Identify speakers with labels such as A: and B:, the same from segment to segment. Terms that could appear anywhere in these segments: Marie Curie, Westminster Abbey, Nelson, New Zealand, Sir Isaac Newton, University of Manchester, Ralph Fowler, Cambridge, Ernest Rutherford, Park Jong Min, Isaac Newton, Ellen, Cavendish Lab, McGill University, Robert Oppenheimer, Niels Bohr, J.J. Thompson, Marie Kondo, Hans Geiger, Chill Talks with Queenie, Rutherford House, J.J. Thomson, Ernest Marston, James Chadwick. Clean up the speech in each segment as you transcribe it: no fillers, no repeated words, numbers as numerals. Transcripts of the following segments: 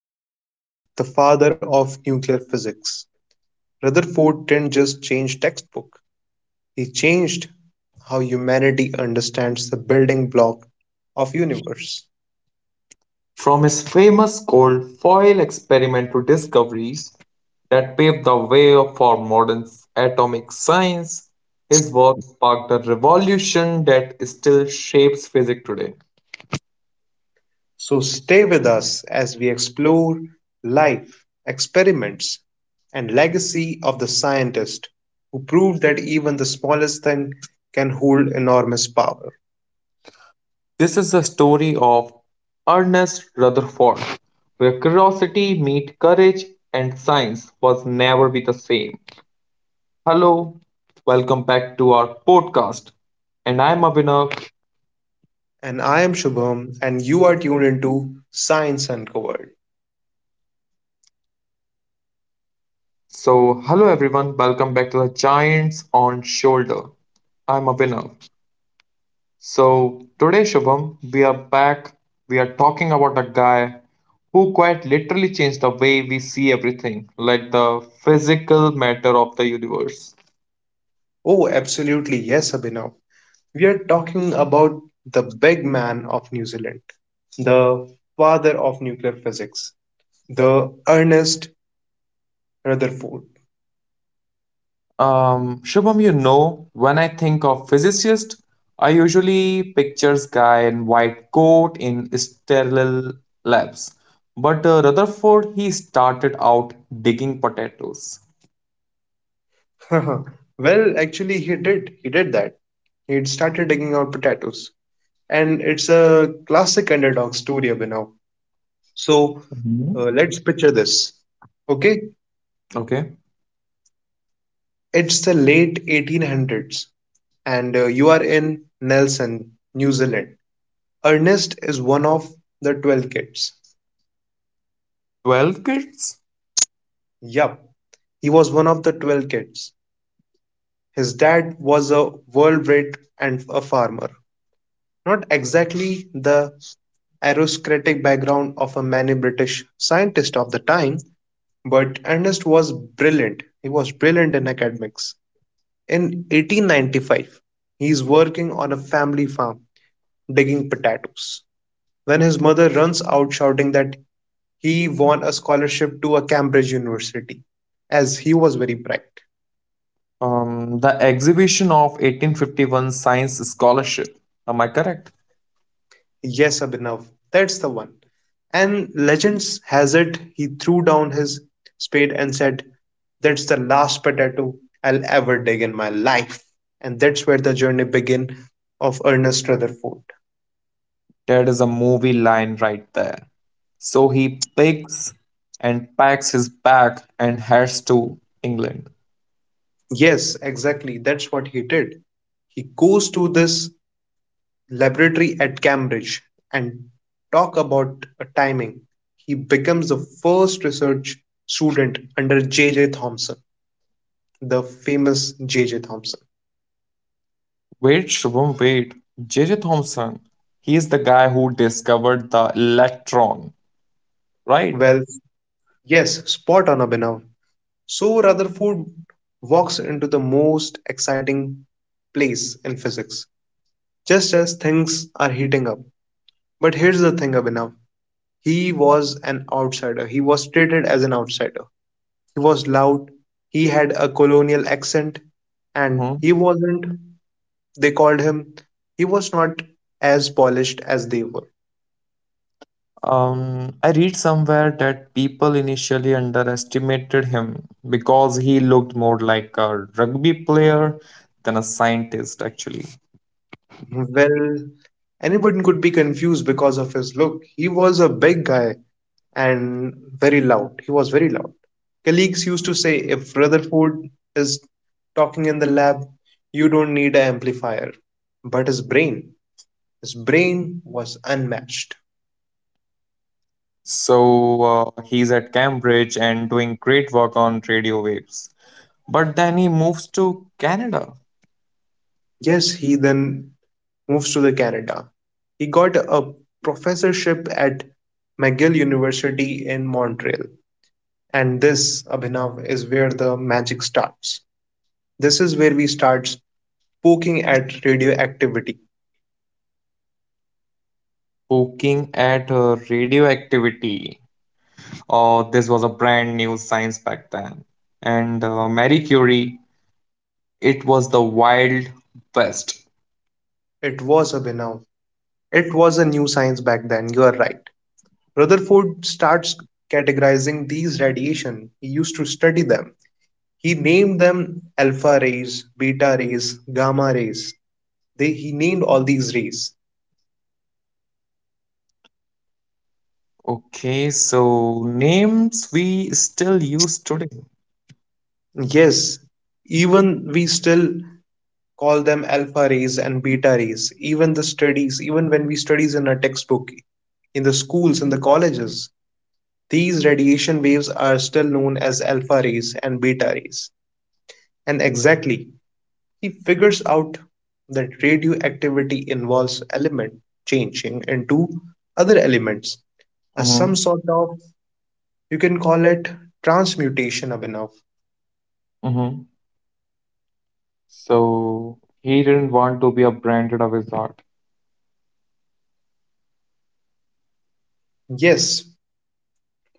A: Often called the "father of nuclear physics," Rutherford didn't just change textbook; he changed how humanity understands the building block of universe.
B: From his famous cold foil experiment to discoveries that paved the way for modern atomic science, his work sparked a revolution that still shapes physics today.
A: So stay with us as we explore life, experiments, and legacy of the scientist who proved that even the smallest thing can hold enormous power.
B: This is the story of Ernest Rutherford, where curiosity meets courage and science was never be the same. Hello, welcome back to our podcast, and I'm Abhinav.
A: And I am Shubham, and you are tuned into Science Uncovered.
B: So, hello everyone, welcome back to the Giants on Shoulder. I'm a winner. So, today, Shubham, we are back. We are talking about a guy who quite literally changed the way we see everything, like the physical matter of the universe.
A: Oh, absolutely, yes, Abhinav. We are talking about the big man of New Zealand, the father of nuclear physics, the Ernest Rutherford.
B: Shubham, you know, when I think of physicist, I usually pictures guy in white coat in sterile labs. But Rutherford, he started out digging potatoes.
A: Well, actually, he did. He did that. He started digging out potatoes. And it's a classic underdog story, Abhinav. So
B: Mhm.
A: let's picture this. Okay,
B: Okay.
A: it's the late 1800s, and you are in Nelson, New Zealand. Ernest is one of the 12 kids.
B: 12 kids?
A: Yup, he was one of the 12 kids. His dad was a worldwide and a farmer, not exactly the aristocratic background of a many British scientists of the time, but Ernest was brilliant. He was brilliant in academics. In 1895, he is working on a family farm digging potatoes when his mother runs out shouting that he won a scholarship to a Cambridge university as he was very bright.
B: The exhibition of 1851 science scholarship. Am I correct?
A: Yes, Abhinav, that's the one. And legends has it he threw down his spade and said, that's the last potato I'll ever dig in my life. And that's where the journey began of Ernest Rutherford.
B: That is a movie line right there. So he picks and packs his bag and heads to England.
A: Yes, exactly. That's what he did. He goes to this laboratory at Cambridge and talk about a timing. He becomes the first research student under J.J. Thomson, the famous J.J. Thomson.
B: Wait, Shubham, wait. J.J. Thompson, he is the guy who discovered the electron, right?
A: Well, Yes, spot on, Abhinav. So Rutherford walks into the most exciting place in physics, just as things are heating up. But here's the thing, Abhinav. He was an outsider. He was treated as an outsider. He was loud. He had a colonial accent, and
B: Mm-hmm.
A: he wasn't, they called him, he was not as polished as they were.
B: I read somewhere that people initially underestimated him because he looked more like a rugby player than a scientist, actually.
A: Well, anyone could be confused because of his look. He was a big guy and very loud. He was very loud. Colleagues used to say, if Rutherford is talking in the lab, you don't need an amplifier. But his brain was unmatched.
B: So he's at Cambridge and doing great work on radio waves. But then he moves to Canada,
A: Yes, he then moves to the Canada. He got a professorship at McGill University in Montreal. And this, Abhinav, is where the magic starts. This is where we start poking at radioactivity.
B: poking at radioactivity. This was a brand new science back then. And Marie Curie, it was the wild west.
A: It was, Abhinav, it was a new science back then, you are right. Rutherford starts categorizing these radiation. He used to study them. He named them alpha rays, beta rays, gamma rays. They, he named all these rays.
B: Okay, so names we still use today.
A: Yes, even we still call them alpha rays and beta rays. Even the studies, even when we studies in our textbook, in the schools, in the colleges, these radiation waves are still known as alpha rays and beta rays. And exactly, he figures out that radioactivity involves element changing into other elements, a some
B: Mm-hmm,
A: sort of you can call it transmutation Abhinav.
B: mm-hmm. So he didn't want to be a branded a wizard.
A: Yes,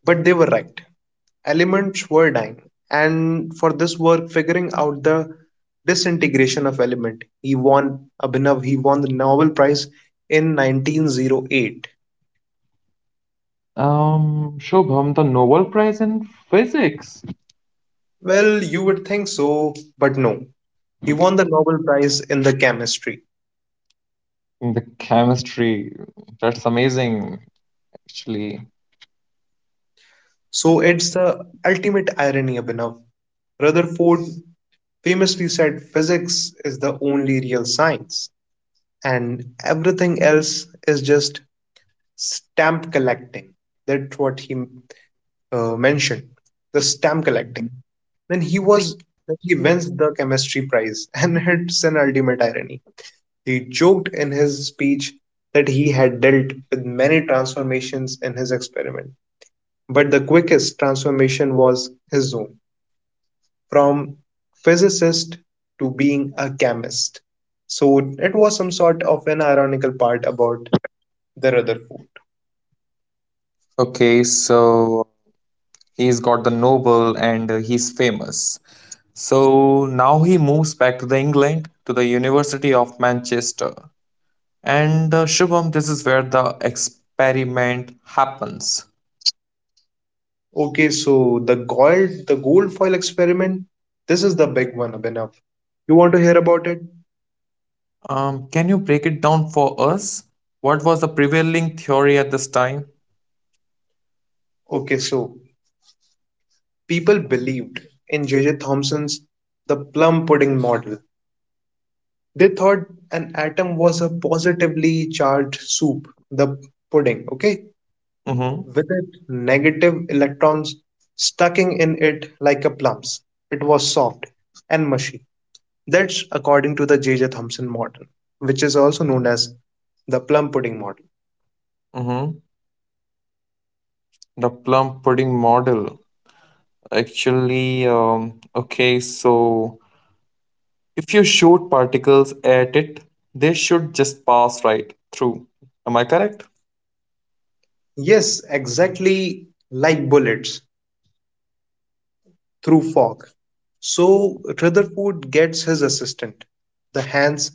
A: but they were right. Elements were dying, and for this work, figuring out the disintegration of element, he won Abhinav. He won the Nobel Prize in 1908.
B: Shubham, the Nobel Prize in Physics,
A: Well, you would think so, but no. He won the Nobel Prize in the chemistry.
B: in the chemistry. That's amazing, actually.
A: So it's the ultimate irony, Abhinav. Rutherford famously said physics is the only real science, and everything else is just stamp collecting. That's what he mentioned, the stamp collecting.
B: Mhm.
A: Then he was then he wins the chemistry prize, and it's an ultimate irony. He joked in his speech that he had dealt with many transformations in his experiment, but the quickest transformation was his own, from physicist to being a chemist. So it was some sort of an ironical part about the Rutherford.
B: Okay, so he's got the Nobel and he's famous. So now he moves back to the England to the University of Manchester. And Shubham, this is where the experiment happens.
A: Okay, so the gold foil experiment, this is the big one, Abhinav. You want to hear about it?
B: Can you break it down for us? What was the prevailing theory at this time?
A: Okay, so people believed in J.J. Thomson's the plum pudding model. They thought an atom was a positively charged soup, the pudding, okay?
B: Mm-hmm.
A: With it negative electrons stucking in it like a plums. It was soft and mushy. That's according to the J.J. Thomson model, which is also known as the plum pudding model.
B: Mm-hmm. The plum pudding model. Actually, okay, so if you shoot particles at it, they should just pass right through. Am I correct?
A: Yes, exactly like bullets through fog. So Rutherford gets his assistant, the Hans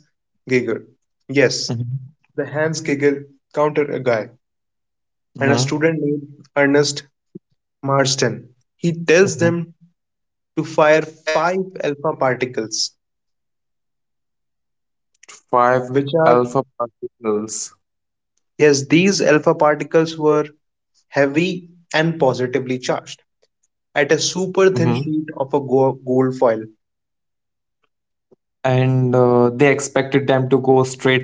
A: Geiger. Yes,
B: Mm-hmm.
A: the Hans Geiger counter a guy and a student named Ernest Marston. He tells
B: Hmm.
A: them to fire five alpha particles,
B: Five
A: which are,
B: alpha particles.
A: yes, these alpha particles were heavy and positively charged at a
B: Hmm.
A: super thin sheet of a gold foil.
B: And they expected them to go straight through.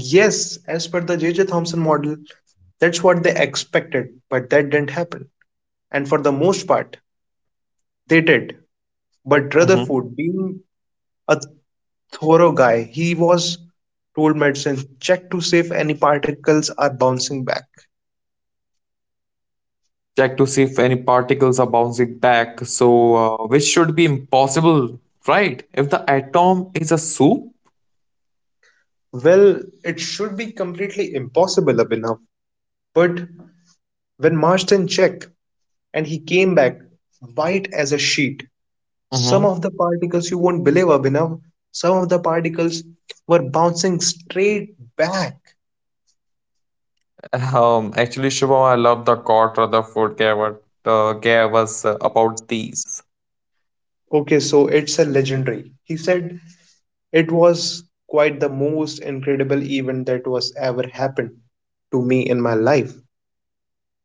A: Yes, as per the J.J. Thomson model, that's what they expected, but that didn't happen. And for the most part, they did. But
B: Hmm.
A: Rutherford, being a thorough guy, he was told medicine check to see if any particles are bouncing back.
B: Check to see if any particles are bouncing back. So, which should be impossible, right? If the atom is a soup.
A: Well, it should be completely impossible, Abhinav. But when Marston checked and he came back white as a sheet, some
B: Hmm.
A: of the particles you won't believe, Abhinav, some of the particles were bouncing straight back.
B: Actually, Shivam, I love the quote Rutherford gave, gave us about these.
A: Okay, so it's a legendary. He said it was quite the most incredible event that was ever happened to me in my life.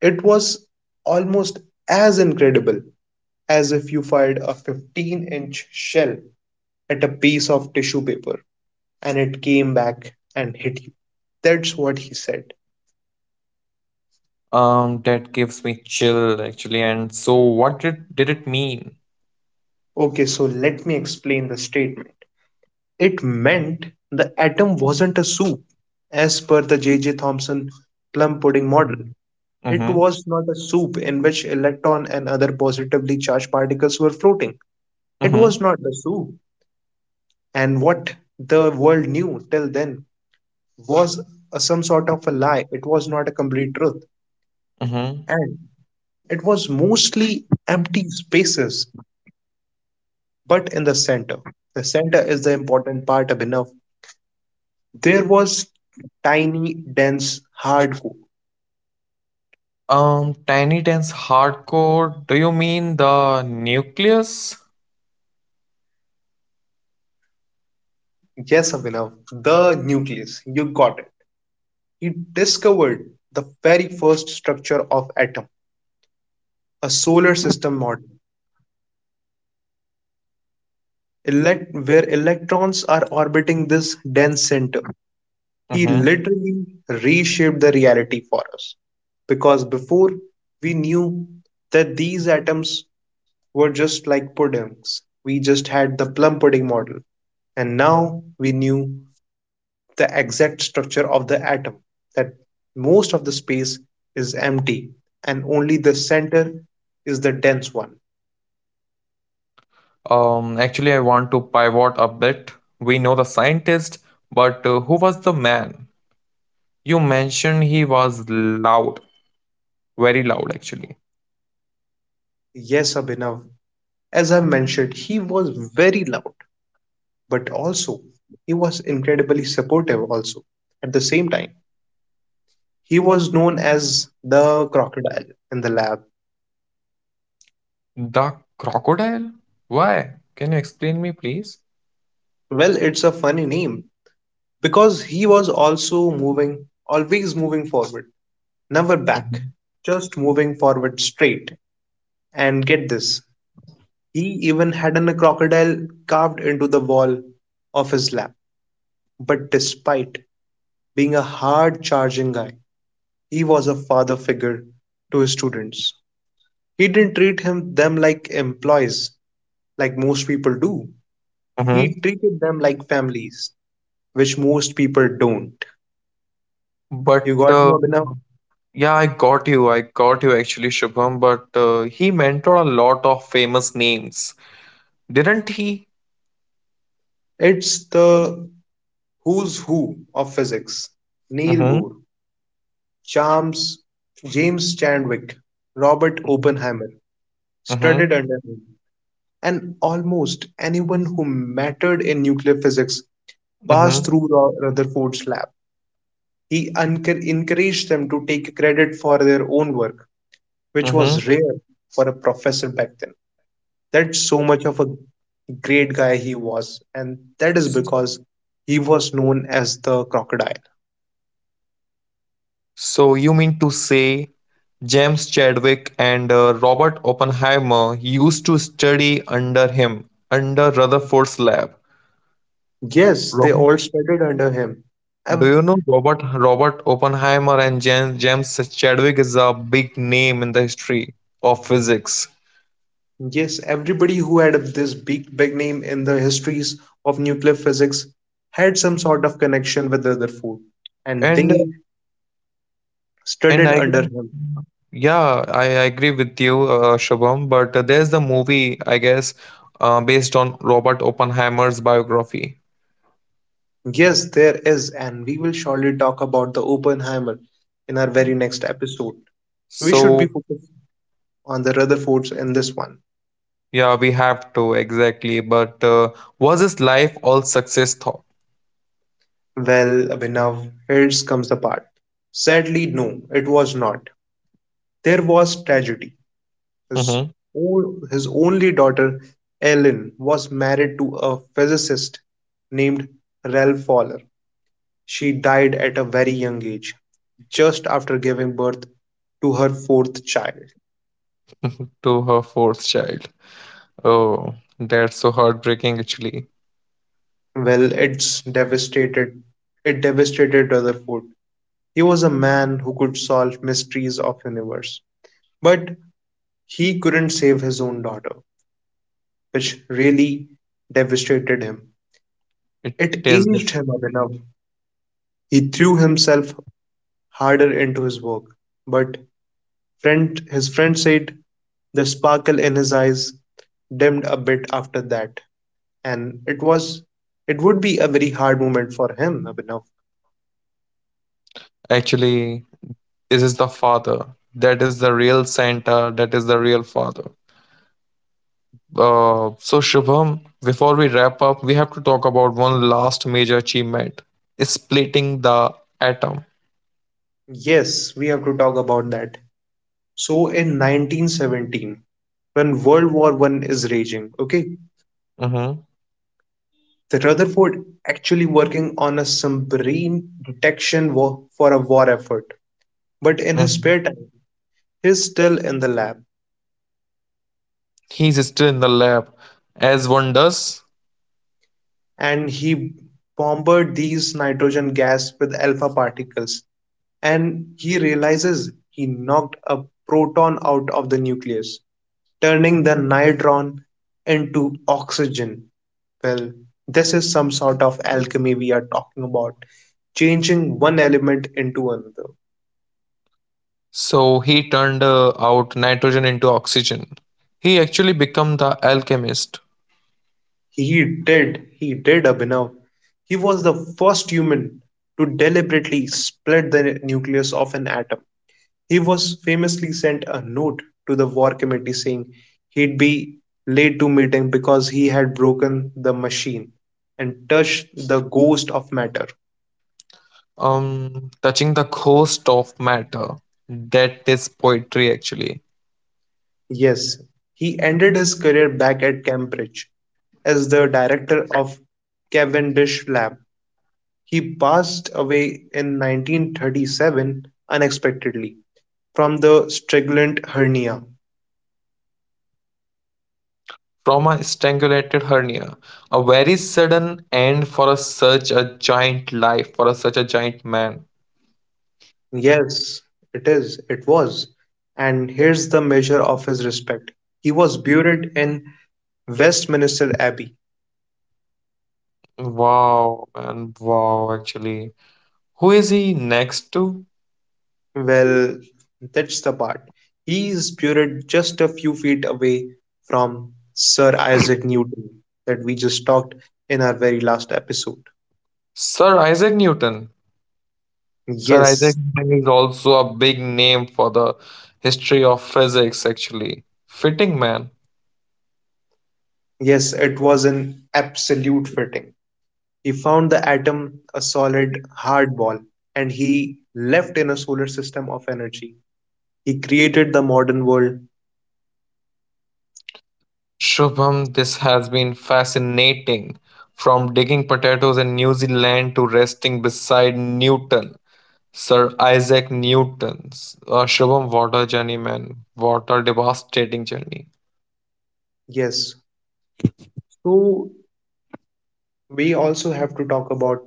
A: It was almost as incredible as if you fired a 15-inch inch shell at a piece of tissue paper and it came back and hit you. That's what he said.
B: That gives me chill actually. And so, what did it mean?
A: Okay, so let me explain the statement. It meant the atom wasn't a soup, as per the J.J. Thomson plum pudding model. It
B: Mm-hmm.
A: was not a soup in which electron and other positively charged particles were floating. It was
B: Mm-hmm.
A: not the soup. And what the world knew till then was a, some sort of a lie. It was not a complete truth.
B: Mm-hmm.
A: And it was mostly empty spaces, but in the center. The center is the important part, Abhinav. There was tiny, dense, hardcore.
B: Tiny Dance Hardcore, do you mean the nucleus?
A: Yes, Abhinav, the nucleus. You got it. He discovered the very first structure of atom, a solar system model, where electrons are orbiting this dense center. He
B: Mm-hmm.
A: literally reshaped the reality for us because before we knew that these atoms were just like puddings, we just had the plum pudding model, and now we knew the exact structure of the atom that most of the space is empty and only the center is the dense one.
B: Actually, I want to pivot a bit. We know the scientist, but who was the man? You mentioned he was loud, very loud, actually.
A: Yes, Abhinav, as I mentioned, he was very loud, but also he was incredibly supportive also at the same time. He was known as the crocodile in the lab.
B: The crocodile? Why? Can you explain me, please?
A: Well, it's a funny name because he was also moving, always moving forward, never back,
B: Mhm.
A: just moving forward straight. And get this, he even had a crocodile carved into the wall of his lab. But despite being a hard charging guy, he was a father figure to his students. He didn't treat him them like employees like most people do.
B: Mm-hmm.
A: He treated them like families, which most people don't. You
B: But
A: got me,
B: uh,
A: Abhinav?
B: yeah, I got you. I got you actually, Shubham. But he mentored a lot of famous names, didn't he?
A: It's the who's who of physics. Neil
B: Mm-hmm.
A: Bohr, Charles, James Chadwick, Robert
B: Mm-hmm.
A: Oppenheimer studied under him, and almost anyone who mattered in nuclear physics passed
B: Mm-hmm.
A: through Rutherford's lab. He encouraged them to take credit for their own work, which
B: Mm-hmm.
A: was rare for a professor back then. That's so much of a great guy he was, and that is because he was known as the crocodile.
B: So you mean to say James Chadwick and Robert Oppenheimer used to study under him, under Rutherford's lab.
A: Yes, they
B: Robert,
A: all studied under him.
B: do you
A: Um,
B: know Robert Oppenheimer and James Chadwick is a big name in the history of physics.
A: yes, everybody who had this big name in the histories of nuclear physics had some sort of connection with the other and
B: And
A: they
B: And
A: studied
B: I
A: under him.
B: yeah, I agree with you, Shubham. But there's the movie, I guess, based on Robert Oppenheimer's biography.
A: Yes, there is, and we will surely talk about the Oppenheimer in our very next episode. So we should
B: So
A: be focused on the Rutherfords in this one.
B: yeah, we have to exactly. But was his life all success thought?
A: Well, Abhinav, here comes the part. Sadly, no, it was not. There was tragedy. His,
B: Hmm.
A: his only daughter, Ellen, was married to a physicist named Ralph Fowler. She died at a very young age, just after giving birth to her fourth child.
B: To her fourth child. Oh, that's so heartbreaking, actually.
A: Well, it's devastated. It devastated Rutherford. He was a man who could solve mysteries of universe, but he couldn't save his own daughter, which really devastated him.
B: It
A: It
B: is that
A: aged him up enough. He threw himself harder into his work, but friend said the sparkle in his eyes dimmed a bit after that, and it would be a very hard moment for him, Abhinav.
B: actually, this is the father. That is the real Santa. That is the real father. So, Shubham, before we wrap up, we have to talk about one last major achievement splitting the atom.
A: Yes, we have to talk about that. So in 1917, when World War One is raging, okay,
B: Mm-hmm.
A: the Rutherford actually working on a submarine detection for a war effort. But in his
B: Mm-hmm.
A: spare time, he's still in the lab
B: He's still in the lab, as one does.
A: and he bombarded these nitrogen gas with alpha particles and he realizes he knocked a proton out of the nucleus, turning the nitron into oxygen. Well, this is some sort of alchemy we are talking about, changing one element into another.
B: So, he turned out nitrogen into oxygen. He actually became the alchemist,
A: He did, Abhinav. He was the first human to deliberately split the nucleus of an atom. He was famously sent a note to the war committee saying he'd be late to meeting because he had broken the machine and touched the ghost of matter.
B: touching the ghost of matter. That is poetry, actually.
A: Yes, he ended his career back at Cambridge as the director of Cavendish Lab. He passed away in 1937 unexpectedly from the Strickland hernia.
B: Trauma strangulated hernia. A very sudden end for a, such a giant life, for a, such a giant man.
A: Yes, it is, it was. And here's the measure of his respect. He was buried in Westminster Abbey.
B: Wow, man, wow, actually. Who is he next to?
A: Well, that's the part. He is buried just a few feet away from Sir Isaac Newton that we just talked in our very last episode.
B: Sir Isaac Newton. Sir Isaac
A: Yes,
B: Newton is also a big name for the history of physics, actually. Fitting man.
A: yes, it was an absolute fitting. He found the atom a solid, hard ball, and he left in a solar system of energy. He created the modern world.
B: Shubham, this has been fascinating. From digging potatoes in New Zealand to resting beside Newton. Sir Isaac Newton's Shubham Water journey Journeyman, Water Devastating Journey.
A: Yes. So we also have to talk about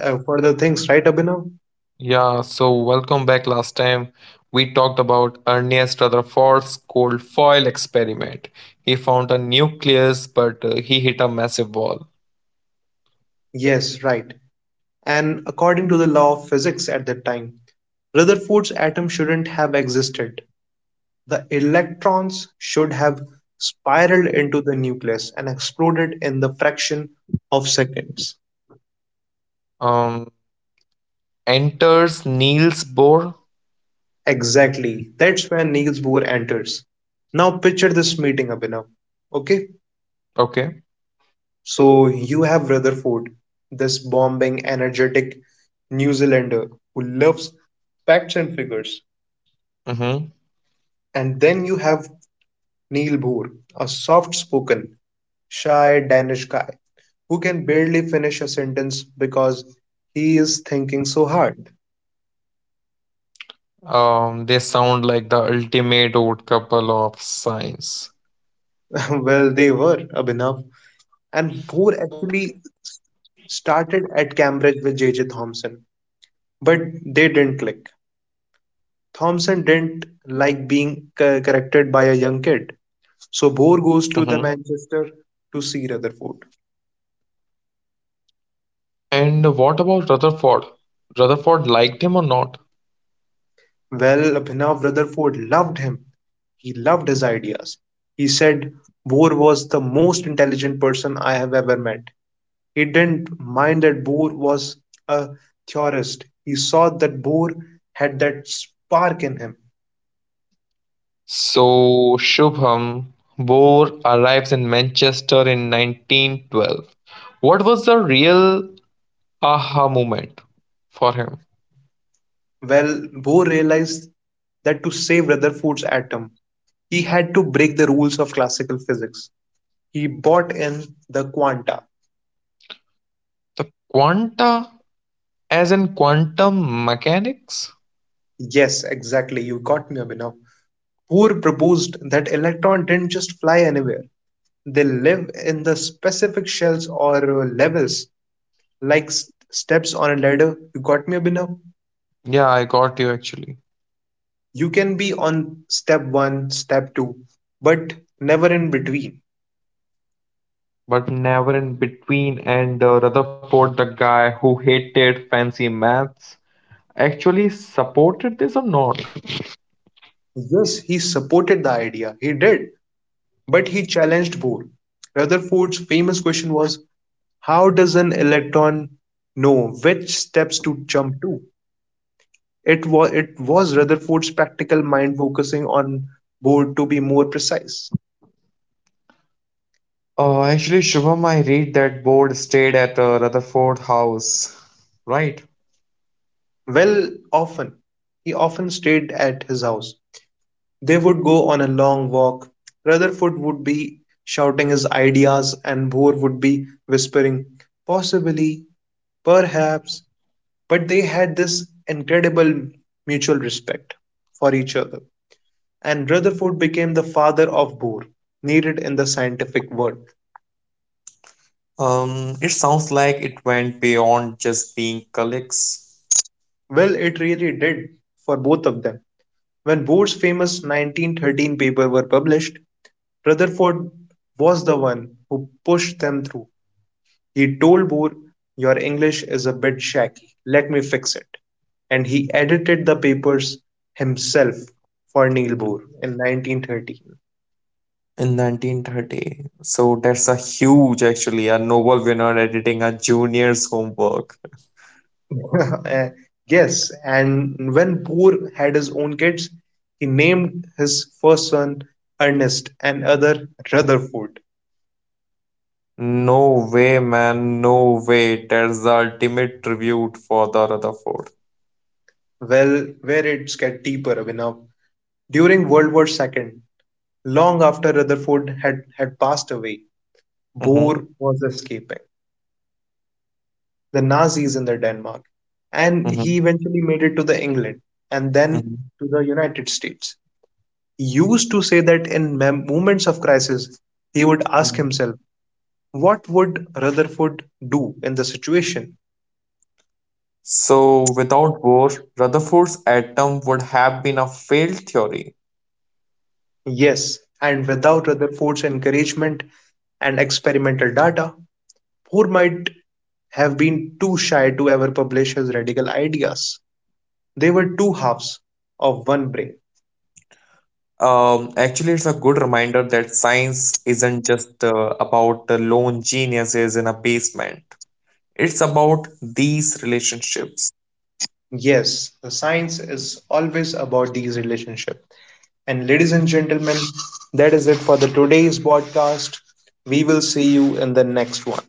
A: further things, right, Abhinav?
B: Yeah, so welcome back. Last time we talked about Ernest Rutherford's cold foil experiment. He found a nucleus, but he hit a massive wall.
A: Yes, right. And according to the law of physics at that time, Rutherford's atom shouldn't have existed. The electrons should have spiraled into the nucleus and exploded in the fraction of seconds.
B: Um, Enters Niels Bohr.
A: Exactly. That's where Niels Bohr enters. Now picture this meeting, Abhinav. Okay,
B: Okay.
A: so you have Rutherford, this bombing, energetic New Zealander who loves facts and figures.
B: Mm-hmm.
A: And then you have Neil Bohr, a soft spoken, shy Danish guy who can barely finish a sentence because he is thinking so hard.
B: They sound like the ultimate old couple of science.
A: Well, they were, Abhinav. And Bohr actually started at Cambridge with J.J. Thomson. But they didn't click. Thompson didn't like being corrected by a young kid, so Bohr goes to the
B: Mm-hmm.
A: Manchester to see Rutherford.
B: And what about Rutherford? Rutherford liked him or not?
A: Well, Abhinav Rutherford loved him. He loved his ideas. He said Bohr was the most intelligent person I have ever met. He didn't mind that Bohr was a theorist. He saw that Bohr had that spark in him.
B: So Shubham Bohr arrives in Manchester in 1912. What was the real aha moment for him?
A: Well, Bohr realized that to save Rutherford's atom, he had to break the rules of classical physics. He brought in the quanta.
B: The quanta, as in quantum mechanics?
A: Yes, exactly, you got me, Abhinav. Bohr proposed that electrons didn't just fly anywhere. They live in the specific shells or levels, like steps on a ladder. You got me, Abhinav?
B: Yeah, I got you actually.
A: You can be on step one, step two, but never in between.
B: But never in between, and Rutherford, the guy who hated fancy maths, actually supported this or not?
A: Yes, he supported the idea. He did. But he challenged Bohr. Rutherford's famous question was, how does an electron know which steps to jump to? It was Rutherford's practical mind focusing on board to be more precise.
B: Actually, Shubham, I read that board stayed at Rutherford House, right?
A: Well, often he often stayed at his house. They would go on a long walk. Rutherford would be shouting his ideas, and Bohr would be whispering, possibly, perhaps. But they had this incredible mutual respect for each other. And Rutherford became the father of Bohr, needed in the scientific world.
B: It sounds like it went beyond just being colleagues
A: Well, it really did for both of them. When Bohr's famous 1913 paper were published, Rutherford was the one who pushed them through. He told Bohr, your English is a bit shaky, let me fix it. And he edited the papers himself for Niels Bohr in 1913.
B: in 1930. So that's a huge, actually, a Nobel winner editing a junior's homework.
A: Uh, yes, and when Boer had his own kids, he named his first son Ernest and other Rutherford.
B: No way, man, no way. That's the ultimate tribute for the Rutherford.
A: Well, where it's get deeper, Abhinav. During World War II, long after Rutherford had passed away,
B: Mm-hmm,
A: Boer was escaping the Nazis in the Denmark, and he
B: mm-hmm,
A: eventually made it to the England and then
B: mm-hmm.
A: to the United States. He used to say that in moments of crisis, he would ask
B: Mm-hmm.
A: himself, what would Rutherford do in the situation?
B: So, without war, Rutherford's atom would have been a failed theory.
A: Yes, and without Rutherford's encouragement and experimental data, Bohr might have been too shy to ever publish his radical ideas. They were two halves of one brain.
B: Actually, it's a good reminder that science isn't just about the lone geniuses in a basement. It's about these relationships.
A: Yes, the science is always about these relationships. And ladies and gentlemen, that is it for the today's podcast. We will see you in the next one.